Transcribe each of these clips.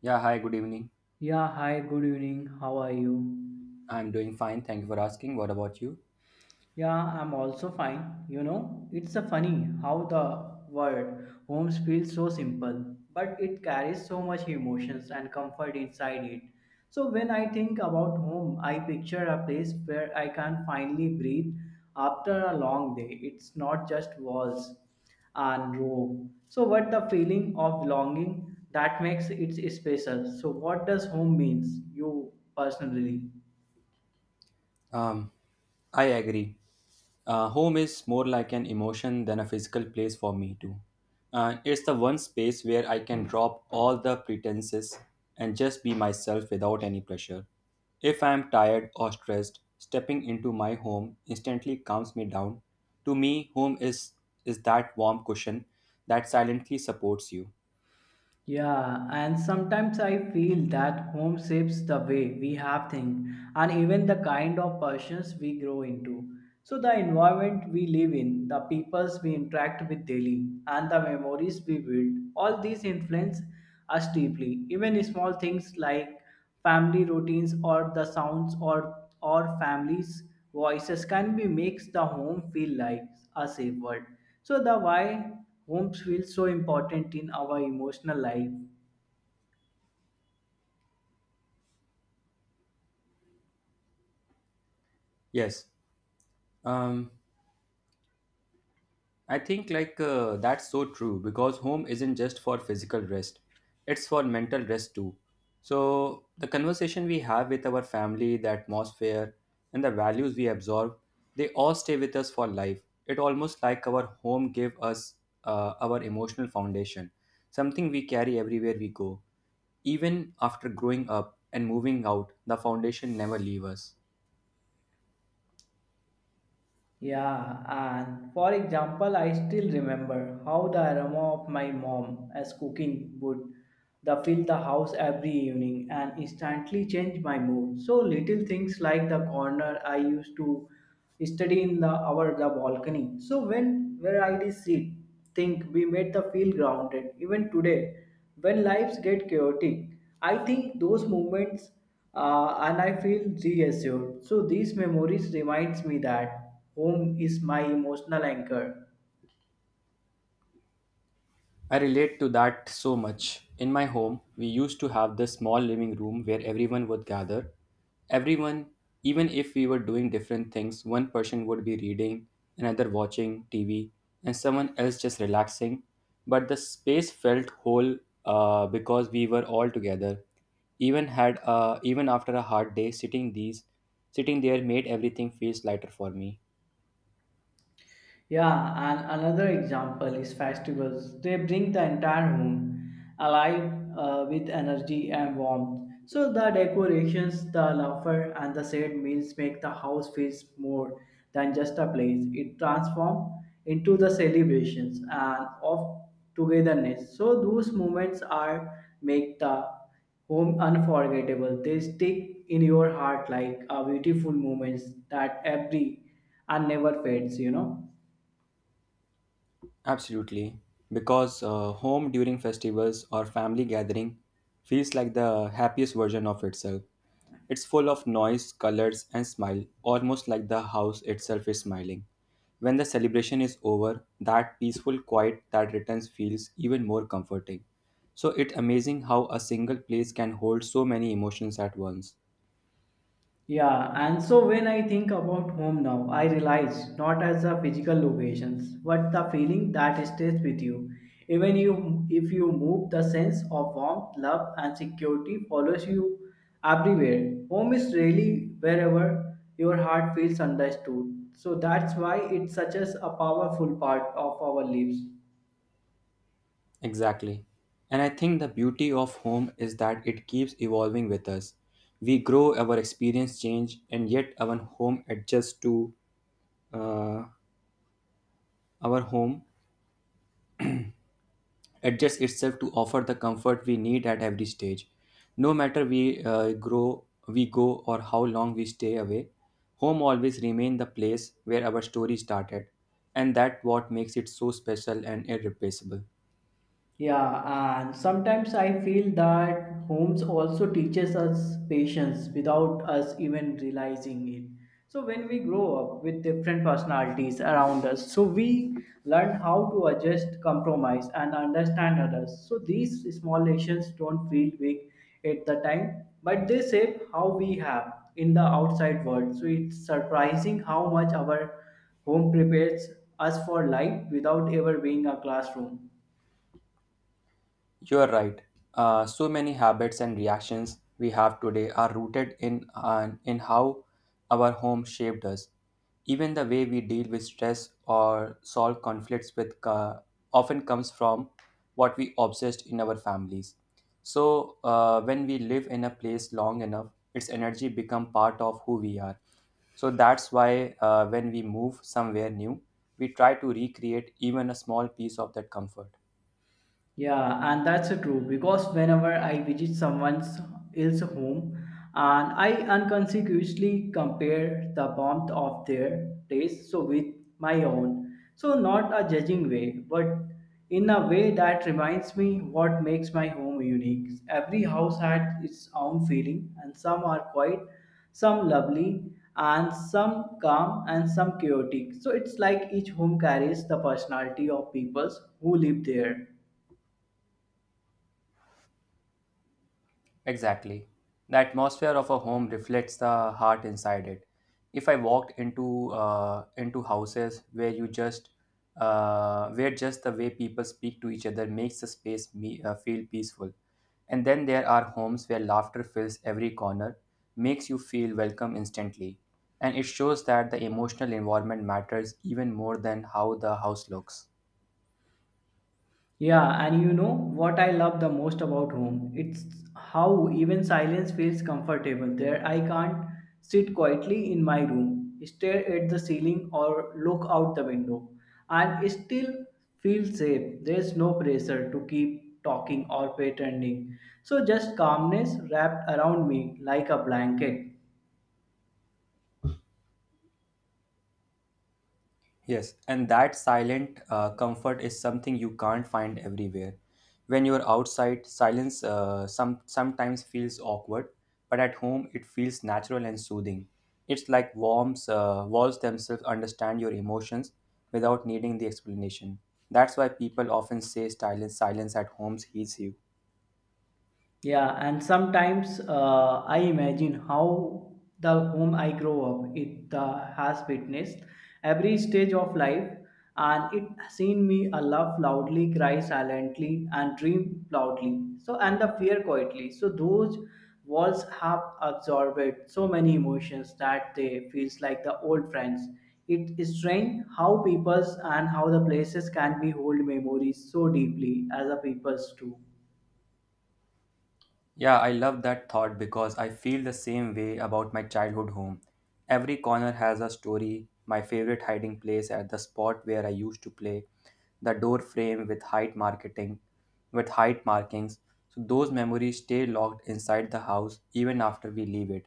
Yeah, hi, good evening. Yeah, hi, good evening. How are you? I'm doing fine. Thank you for asking. What about you? Yeah, I'm also fine. You know, it's a funny how the word homes feels so simple, but it carries so much emotions and comfort inside it. So when I think about home, I picture a place where I can finally breathe after a long day. It's not just walls and rope. So what the feeling of belonging that makes it special. So what does home means you personally? Um, I agree. Home is more like an emotion than a physical place for me, too. It's the one space where I can drop all the pretenses and just be myself without any pressure. If I am tired or stressed, stepping into my home instantly calms me down. To me, is that warm cushion that silently supports you. Yeah, and sometimes I feel that home shapes the way we have things and even the kind of persons we grow into. So, the environment we live in, the peoples we interact with daily, and the memories we build, all these influence us deeply. Even small things like family routines or the sounds or families voices can be makes the home feel like a safe world so the why homes feel so important in our emotional life. Yes. Um, I think like that's so true because home isn't just for physical rest, it's for mental rest too. So the conversation we have with our family, the atmosphere, and the values we absorb, they all stay with us for life. It almost like our home gave us our emotional foundation, something we carry everywhere we go. Even after growing up and moving out, the foundation never leave us. Yeah, and for example, I still remember how the aroma of my mom as cooking would the fill the house every evening and instantly change my mood. So little things like the corner I used to study in the our the balcony. So when where I did sit think we made the feel grounded. Even today, when lives get chaotic, I think those moments and I feel reassured. So these memories reminds me that home is my emotional anchor. I relate to that so much. In my home, we used to have this small living room where everyone would gather. Everyone, even if we were doing different things, one person would be reading, another watching TV, and someone else just relaxing. But the space felt whole because we were all together. Even after a hard day, sitting there made everything feels lighter for me. Yeah, and another example is festivals. They bring the entire home alive with energy and warmth. So the decorations, the laughter, and the shared meals make the house feel more than just a place. It transforms into the celebrations and of togetherness. So those moments are make the home unforgettable. They stick in your heart like a beautiful moments that every and never fades. You know. Absolutely, because home during festivals or family gathering feels like the happiest version of itself. It's full of noise, colors, and smile, almost like the house itself is smiling. When the celebration is over, that peaceful quiet that returns feels even more comforting. So it's amazing how a single place can hold so many emotions at once. Yeah, and so when I think about home now, I realize not as the physical locations, but the feeling that stays with you. Even you, if you move, the sense of warmth, love, and security follows you everywhere. Home is really wherever your heart feels understood. So that's why it's such as a powerful part of our lives. Exactly. And I think the beauty of home is that it keeps evolving with us. We grow, our experience change, and yet uh, our home adjusts itself to offer the comfort we need at every stage. No matter we grow, we go, or how long we stay away, home always remains the place where our story started, and that what makes it so special and irreplaceable. Yeah, and sometimes I feel that homes also teaches us patience without us even realizing it. So when we grow up with different personalities around us, so we learn how to adjust, compromise, and understand others. So these small lessons don't feel big at the time, but they shape how we have in the outside world. So it's surprising how much our home prepares us for life without ever being a classroom. You are right. So many habits and reactions we have today are rooted in an in how our home shaped us. Even the way we deal with stress or solve conflicts with co- often comes from what we obsessed in our families. So when we live in a place long enough, its energy become part of who we are. So that's why when we move somewhere new, we try to recreate even a small piece of that comfort. Yeah, and that's true because whenever I visit someone's else home and I unconsciously compare the warmth of their place so with my own. So not a judging way, but in a way that reminds me what makes my home unique. Every house had its own feeling and some are quiet, some lovely, and some calm and some chaotic. So it's like each home carries the personality of peoples who live there. Exactly. The atmosphere of a home reflects the heart inside it. If I walked into houses where you just where just the way people speak to each other makes the space me feel peaceful. And then there are homes where laughter fills every corner, makes you feel welcome instantly. And it shows that the emotional environment matters even more than how the house looks. Yeah, and you know what I love the most about home? It's how even silence feels comfortable. There, I can't sit quietly in my room, stare at the ceiling, or look out the window, and still feel safe. There's no pressure to keep talking or pretending. So, just calmness wrapped around me like a blanket. Yes, and that silent comfort is something you can't find everywhere. When you're outside, silence some sometimes feels awkward, but at home it feels natural and soothing. It's like walls themselves understand your emotions without needing the explanation. That's why people often say silence at homes heals you. Yeah, and sometimes I imagine how the home I grow up it has witnessed every stage of life, and it seen me laugh loudly, cry silently, and dream loudly. So and the fear quietly. So those walls have absorbed so many emotions that they feels like the old friends. It is strange how peoples and how the places can be hold memories so deeply as the peoples do. Yeah, I love that thought because I feel the same way about my childhood home. Every corner has a story. My favorite hiding place at the spot where I used to play, the door frame with height marketing, with height markings. So those memories stay locked inside the house even after we leave it.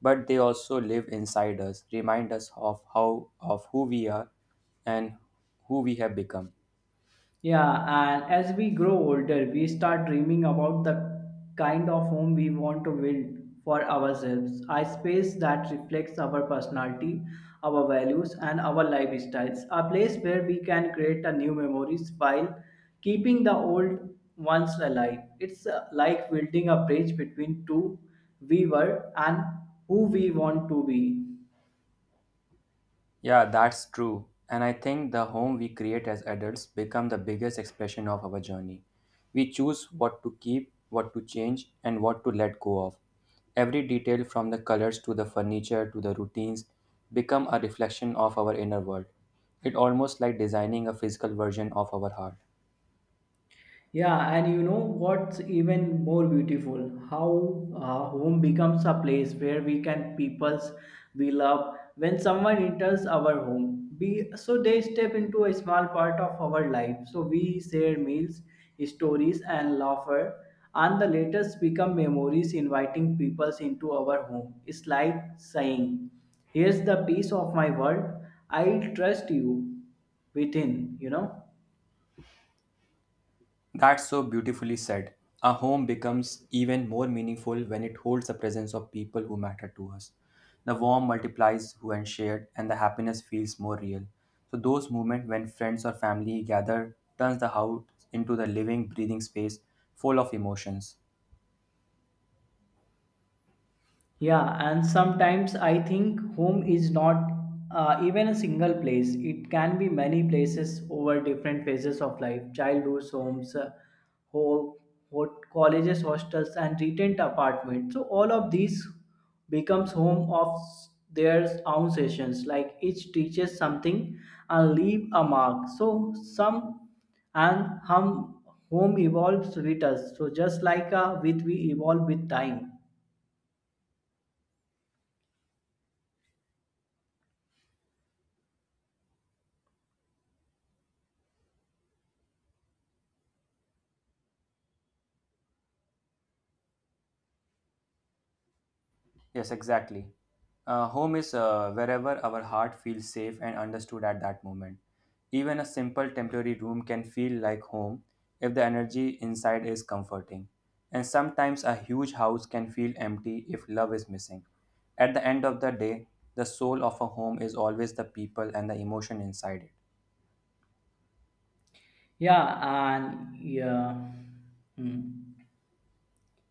But they also live inside us, remind us of how of who we are and who we have become. Yeah, and as we grow older, we start dreaming about the kind of home we want to build for ourselves, a space that reflects our personality, our values, and our lifestyles, a place where we can create a new memories while keeping the old ones alive. It's like building a bridge between two we were and who we want to be. Yeah, that's true. And I think the home we create as adults become the biggest expression of our journey. We choose what to keep, what to change, and what to let go of. Every detail from the colors to the furniture to the routines become a reflection of our inner world. It almost like designing a physical version of our heart. Yeah, and you know what's even more beautiful? How home becomes a place where we can peoples we love. When someone enters our home, we so they step into a small part of our life. So we share meals, stories, and laughter, and the latest become memories inviting peoples into our home. It's like saying, "Here's the piece of my world. I trust you within," you know. That's so beautifully said. A home becomes even more meaningful when it holds the presence of people who matter to us. The warmth multiplies when shared, and the happiness feels more real. So those moments when friends or family gather turns the house into the living, breathing space full of emotions. Yeah, and sometimes I think home is not even a single place. It can be many places over different phases of life childhood, homes, ho- colleges, hostels, and retirement apartments. So, all of these becomes home of their own sessions. Like each teaches something and leave a mark. So, some and hum, home evolves with us. So, just like with we evolve with time. Yes, exactly. Home is wherever our heart feels safe and understood at that moment. Even a simple temporary room can feel like home if the energy inside is comforting. And sometimes a huge house can feel empty if love is missing. At the end of the day, the soul of a home is always the people and the emotion inside it. Yeah, and yeah, hmm.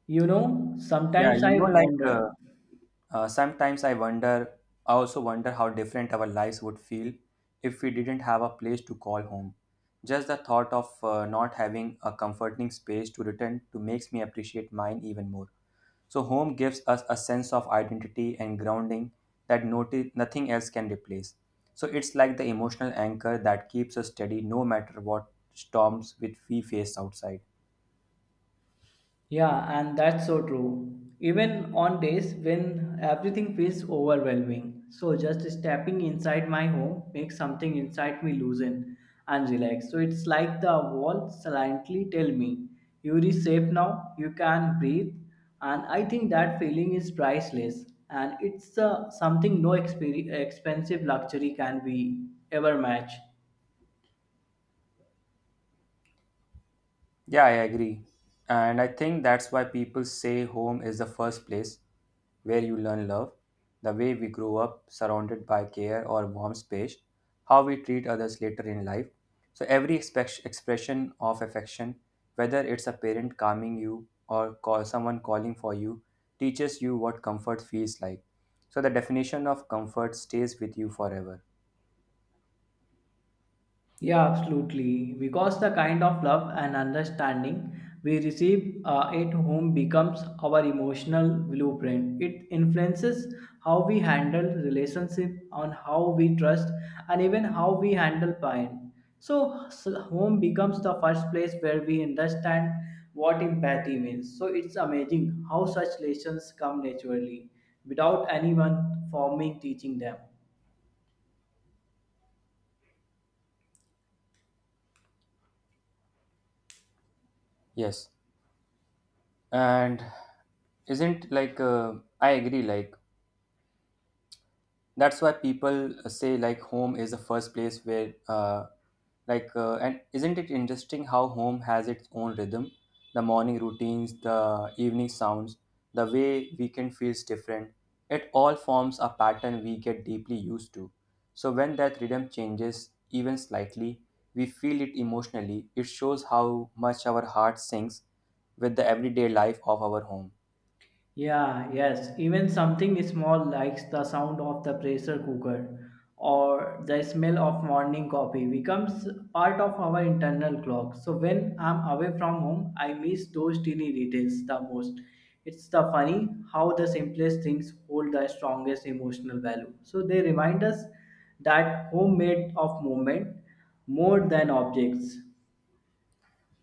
You know, Yeah, sometimes you I know, wonder. Uh, sometimes I wonder, I also wonder how different our lives would feel if we didn't have a place to call home. Just the thought of not having a comforting space to return to makes me appreciate mine even more. So, home gives us a sense of identity and grounding that nothing else can replace. So, it's like the emotional anchor that keeps us steady no matter what storms which we face outside. Yeah, and that's so true. Even on days when everything feels overwhelming. So just stepping inside my home makes something inside me loosen and relax. So it's like the wall silently tell me, you reset now, you can breathe. And I think that feeling is priceless. And it's something no expensive luxury can be ever match. Yeah, I agree. And I think that's why people say home is the first place where you learn love. The way we grow up surrounded by care or warm space, how we treat others later in life. So, every expression of affection, whether it's a parent calming you or call someone calling for you, teaches you what comfort feels like. So, the definition of comfort stays with you forever. Yeah, absolutely. Because the kind of love and understanding we receive at home becomes our emotional blueprint. It influences how we handle relationship, on how we trust, and even how we handle pain. So home becomes the first place where we understand what empathy means. So it's amazing how such lessons come naturally without anyone formally teaching them. Yes. And isn't like I agree like that's why people say like home is the first place where like and isn't it interesting how home has its own rhythm, the morning routines, the evening sounds, the way weekend feels different, it all forms a pattern we get deeply used to. So when that rhythm changes even slightly, we feel it emotionally. It shows how much our heart sinks with the everyday life of our home. Yeah, yes. Even something small like the sound of the pressure cooker or the smell of morning coffee becomes part of our internal clock. So when I'm away from home, I miss those teeny details the most. It's the funny how the simplest things hold the strongest emotional value. So they remind us that home made of moment more than objects.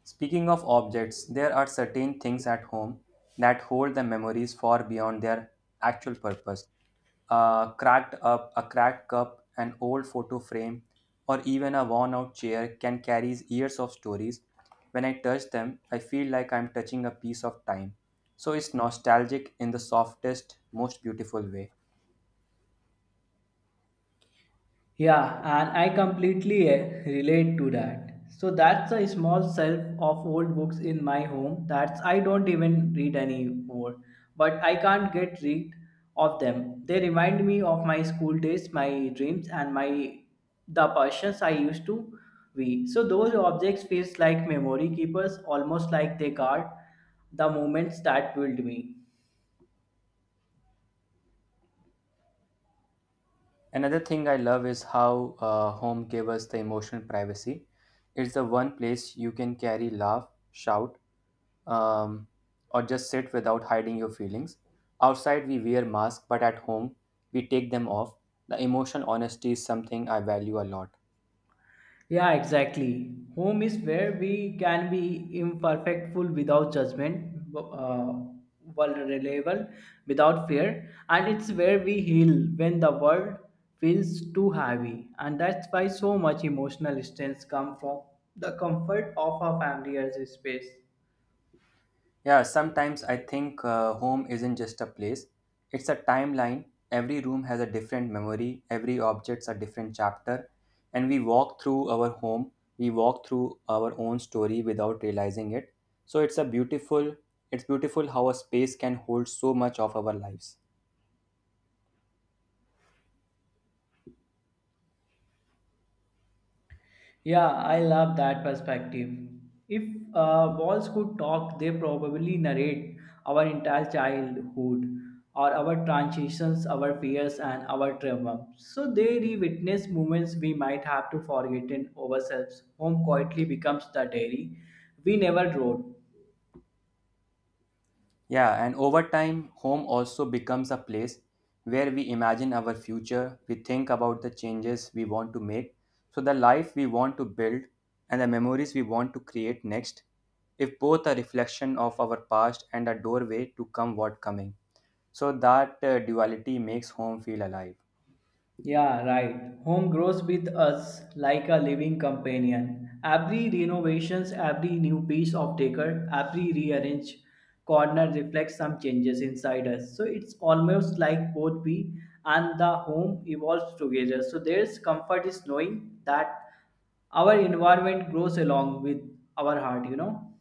Speaking of objects, there are certain things at home that hold the memories far beyond their actual purpose. A cracked cup, an old photo frame, or even a worn out chair can carry years of stories. When I touch them, I feel like I'm touching a piece of time. So it's nostalgic in the softest, most beautiful way. Yeah, and I completely relate to that. So that's a small shelf of old books in my home that's I don't even read anymore, but I can't get rid of them. They remind me of my school days, my dreams, and my the persons I used to be. So those objects feels like memory keepers, almost like they guard the moments that build me. Another thing I love is how home gave us the emotional privacy. It's the one place you can carry laugh, shout, um, or just sit without hiding your feelings. Outside, we wear masks, but at home, we take them off. The emotion honesty is something I value a lot. Yeah, exactly. Home is where we can be imperfectful without judgment, vulnerable without fear, and it's where we heal when the world feels too heavy. And that's why so much emotional strength comes from the comfort of our family as a space. Yeah, sometimes I think home isn't just a place, it's a timeline. Every room has a different memory, every object's a different chapter, and we walk through our home, we walk through our own story without realizing it. So it's beautiful how a space can hold so much of our lives. Yeah, I love that perspective. If walls could talk, they probably narrate our entire childhood or our transitions, our fears, and our trauma. So they re witness moments we might have to forget in ourselves. Home quietly becomes the diary we never wrote. Yeah, and over time, home also becomes a place where we imagine our future, we think about the changes we want to make, so the life we want to build, and the memories we want to create next, if both a reflection of our past and a doorway to come what coming. So that duality makes home feel alive. Yeah, right. Home grows with us like a living companion. Every renovations, every new piece of decor, every rearranged corner reflects some changes inside us. So it's almost like both we and the home evolves together. So there's comfort is knowing that our environment grows along with our heart, you know.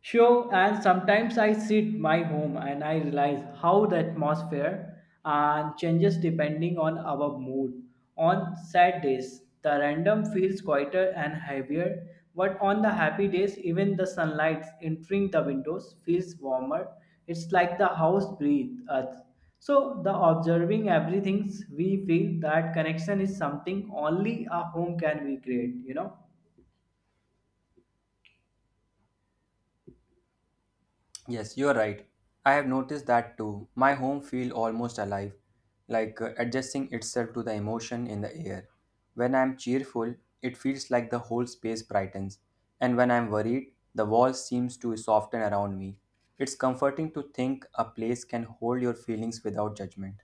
Sure, and sometimes I sit my home and I realize how the atmosphere and changes depending on our mood. On sad days, the random feels quieter and heavier, but on the happy days, even the sunlight entering the windows feels warmer. It's like the house breathes us. So the observing everything we feel that connection is something only a home can recreate, you know. Yes, you're right. I have noticed that too. My home feel almost alive, like adjusting itself to the emotion in the air. When I'm cheerful, it feels like the whole space brightens, and when I'm worried, the wall seems to soften around me. It's comforting to think a place can hold your feelings without judgment.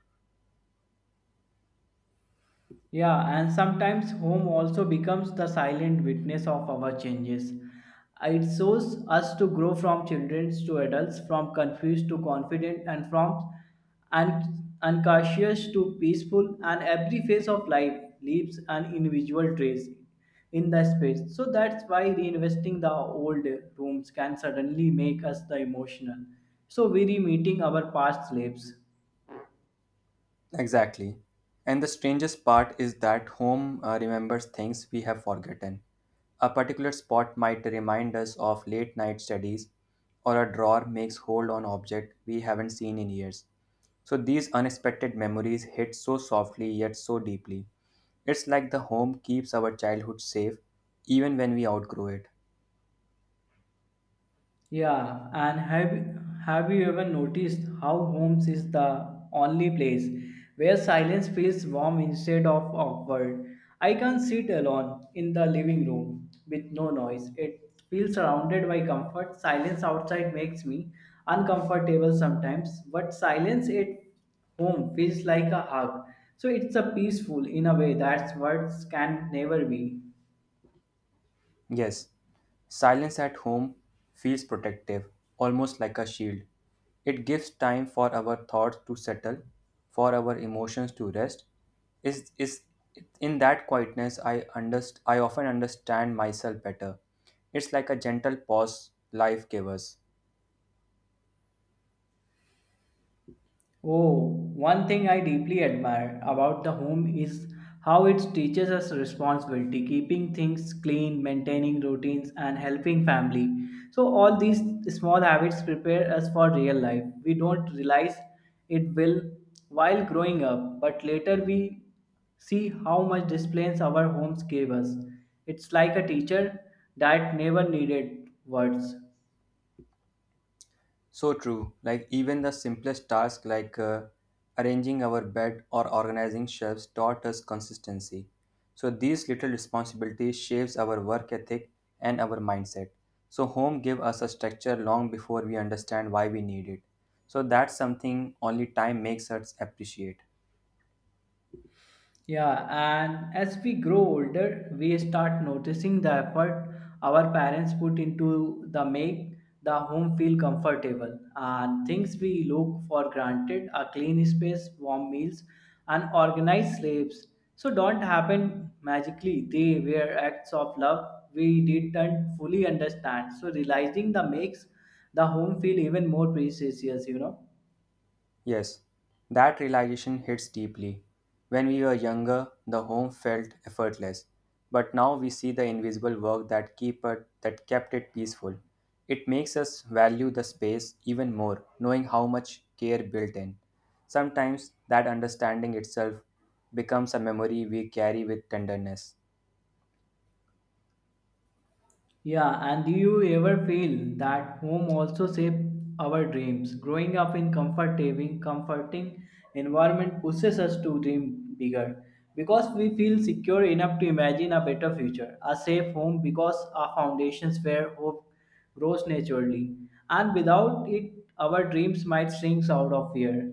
Yeah, and sometimes home also becomes the silent witness of our changes. It shows us to grow from children to adults, from confused to confident, and from uncautious to peaceful, and every phase of life leaves an individual trace in the space. So that's why reinvesting the old rooms can suddenly make us the emotional. So we're meeting our past lives. Exactly. And the strangest part is that home remembers things we have forgotten. A particular spot might remind us of late night studies, or a drawer makes hold on object we haven't seen in years. So these unexpected memories hit so softly yet so deeply. It's like the home keeps our childhood safe even when we outgrow it. Yeah, and have you ever noticed how homes is the only place where silence feels warm instead of awkward? I can sit alone in the living room with no noise. It feels surrounded by comfort. Silence outside makes me uncomfortable sometimes, but silence at home feels like a hug. So it's a peaceful in a way that words can never be. Yes, silence at home feels protective, almost like a shield. It gives time for our thoughts to settle, for our emotions to rest. Is In that quietness I I often understand myself better. It's like a gentle pause life gives us. Oh, one thing I deeply admire about the home is how it teaches us responsibility, keeping things clean, maintaining routines, and helping family. So, all these small habits prepare us for real life. We don't realize it will while growing up, but later we see how much disciplines our homes gave us. It's like a teacher that never needed words. So true. Like even the simplest task like arranging our bed or organizing shelves taught us consistency. So these little responsibilities shapes our work ethic and our mindset. So home gave us a structure long before we understand why we need it. So that's something only time makes us appreciate. Yeah, and as we grow older, we start noticing the effort our parents put into the make the home feel comfortable and things we look for granted, a clean space, warm meals, and organized sleeps. So don't happen magically. They were acts of love we didn't fully understand. So realizing the makes the home feel even more precious. Yes, that realization hits deeply. When we were younger, the home felt effortless, but now we see the invisible work that keep it, that kept it peaceful. It makes us value the space even more, knowing how much care built in. Sometimes that understanding itself becomes a memory we carry with tenderness. Yeah, and do you ever feel that home also shapes our dreams? Growing up in comforting environment pushes us to dream bigger because we feel secure enough to imagine a better future. A safe home because our foundations where hope grows naturally, and without it, our dreams might shrink out of fear.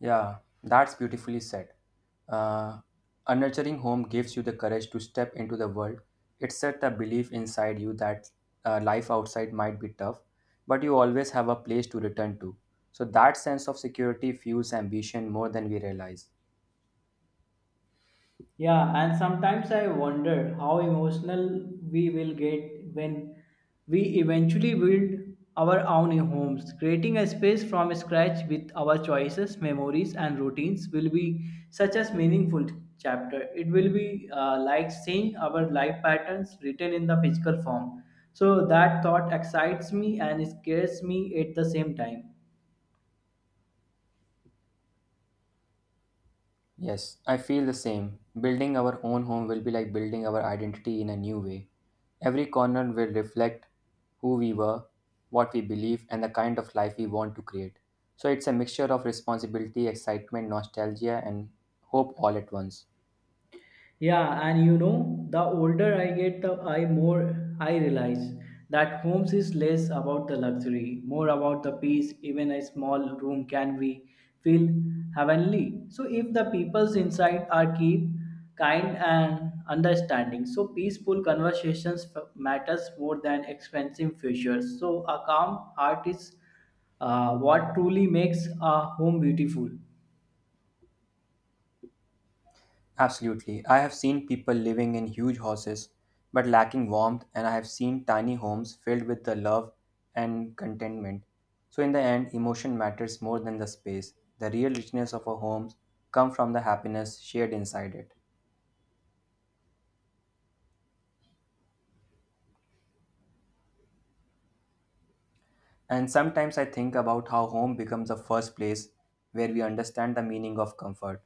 Yeah, that's beautifully said. Uh, a nurturing home gives you the courage to step into the world. It sets the belief inside you that life outside might be tough, but you always have a place to return to. So that sense of security fuels ambition more than we realize. Yeah, and sometimes I wonder how emotional we will get when we eventually build our own homes. Creating a space from scratch with our choices, memories, and routines will be such a meaningful chapter. It will be like seeing our life patterns written in the physical form. So that thought excites me and scares me at the same time. Yes, I feel the same. Building our own home will be like building our identity in a new way. Every corner will reflect who we were, what we believe, and the kind of life we want to create. So it's a mixture of responsibility, excitement, nostalgia, and hope all at once. Yeah, and you know, the older I get, the I more I realize that homes is less about the luxury, more about the peace. Even a small room can be feel heavenly. So if the people's inside are keep kind and understanding, so peaceful conversations matters more than expensive features. So a calm heart is what truly makes a home beautiful. Absolutely. I have seen people living in huge houses but lacking warmth, and I have seen tiny homes filled with the love and contentment. So in the end, emotion matters more than the space. The real richness of a home comes from the happiness shared inside it. And sometimes I think about how home becomes the first place where we understand the meaning of comfort.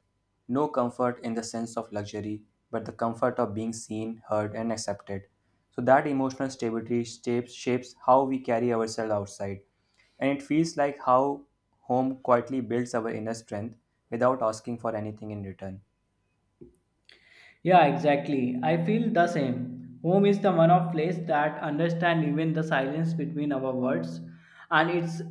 No comfort in the sense of luxury, but the comfort of being seen, heard, and accepted. So that emotional stability shapes how we carry ourselves outside. And it feels like how home quietly builds our inner strength without asking for anything in return. Yeah, exactly. I feel the same. Home is the one of place that understand even the silence between our words and it's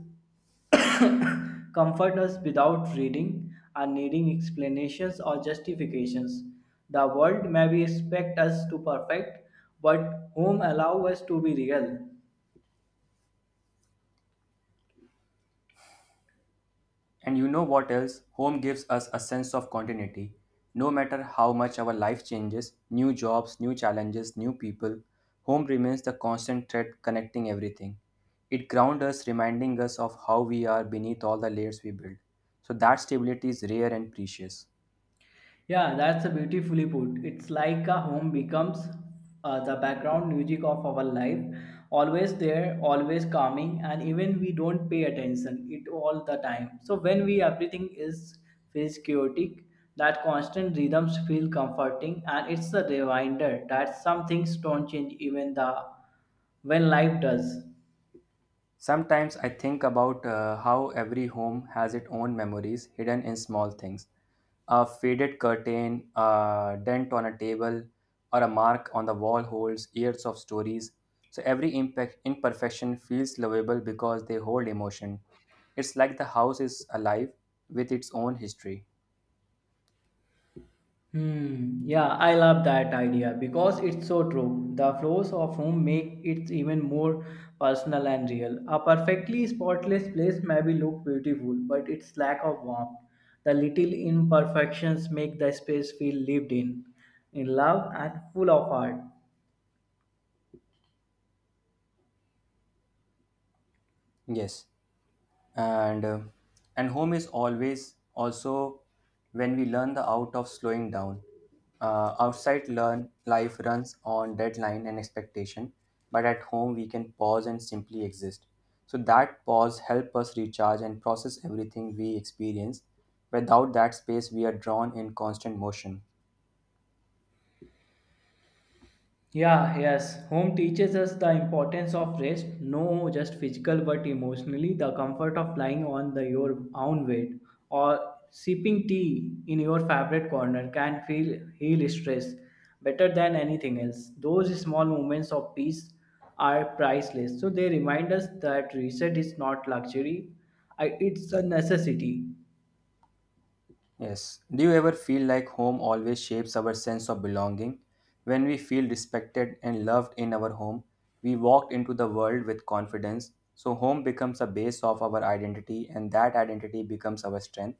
comfort us without reading or needing explanations or justifications. The world may be expect us to perfect, but home allow us to be real. And you know what else? Home gives us a sense of continuity. No matter how much our life changes, new jobs, new challenges, new people, home remains the constant thread connecting everything. It grounds us, reminding us of how we are beneath all the layers we build. So that stability is rare and precious. Yeah, that's a beautifully put. It's like a home becomes the background music of our life, always there, always calming, and even we don't pay attention it all the time. So when we everything is feels chaotic, that constant rhythms feel comforting, and it's a reminder that some things don't change even the when life does. Sometimes I think about how every home has its own memories hidden in small things. A faded curtain, a dent on a table, or a mark on the wall holds years of stories. So every imperfection feels lovable because they hold emotion. It's like the house is alive with its own history. Hmm. Yeah, I love that idea because it's so true. The floors of home make it even more personal and real. A perfectly spotless place may be look beautiful, but its lack of warmth, the little imperfections make the space feel lived in love and full of art. Yes. and uh, and home is always also when we learn the out of slowing down, outside learn life runs on deadline and expectation, but at home we can pause and simply exist. So that pause help us recharge and process everything we experience. Without that space we are drawn in constant motion. Yeah, yes. Home teaches us the importance of rest, no just physical but emotionally, the comfort of lying on the your own bed or sipping tea in your favorite corner can feel heal stress better than anything else. Those small moments of peace are priceless. So they remind us that reset is not luxury, it's a necessity. Yes. Do you ever feel like home always shapes our sense of belonging? When we feel respected and loved in our home, we walk into the world with confidence. So, home becomes a base of our identity, and that identity becomes our strength.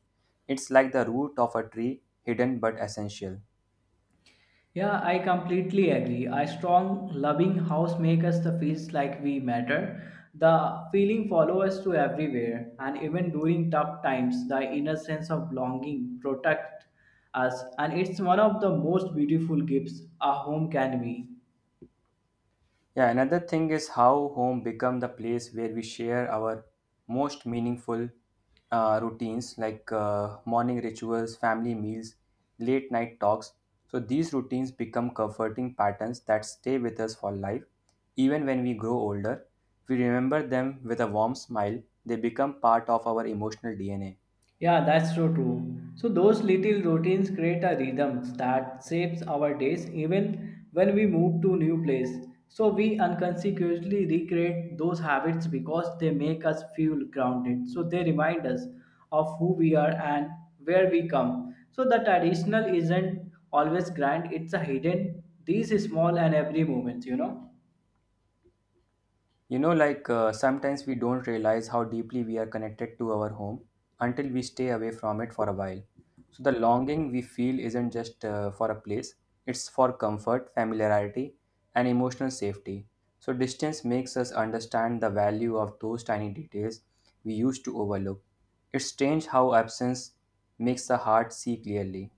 It's like the root of a tree, hidden but essential. Yeah, I completely agree. A strong, loving house makes us the feels like we matter. The feeling follows us to everywhere, and even during tough times, the inner sense of belonging protects us, and it's one of the most beautiful gifts a home can be. Yeah, another thing is how home become the place where we share our most meaningful routines, like morning rituals, family meals, late night talks. So these routines become comforting patterns that stay with us for life. Even when we grow older, we remember them with a warm smile. They become part of our emotional DNA. Yeah, that's so true. So those little routines create a rhythm that shapes our days even when we move to new place. So we unconsciously recreate those habits because they make us feel grounded. So they remind us of who we are and where we come. So the traditional isn't always grand, it's a hidden these small and every moments. You know, like sometimes we don't realize how deeply we are connected to our home until we stay away from it for a while. So, the longing we feel isn't just for a place, it's for comfort, familiarity, and emotional safety. So, distance makes us understand the value of those tiny details we used to overlook. It's strange how absence makes the heart see clearly.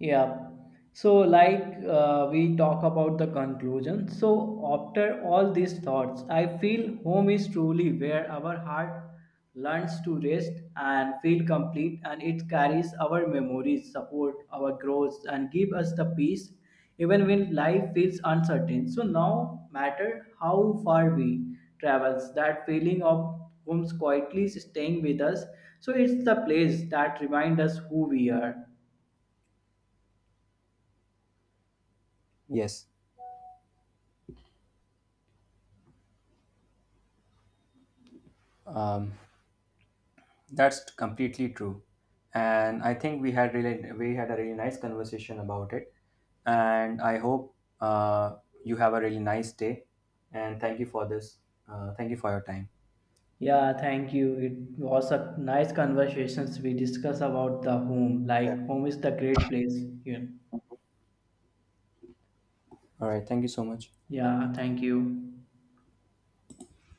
Yeah. So, like we talk about the conclusion. So, after all these thoughts, I feel home is truly where our heart learns to rest and feel complete, and it carries our memories, support our growth, and give us the peace even when life feels uncertain. So, now matter how far we travels, that feeling of homes quietly staying with us. So, it's the place that reminds us who we are. Yes. Um, That's completely true. And I think we had a really nice conversation about it. And I hope uh, you have a really nice day. And thank you for this. Thank you for your time. Yeah, thank you. It was a nice conversations we discuss about the home. Like home is the great place. Yeah. All right. Thank you so much. Yeah, thank you.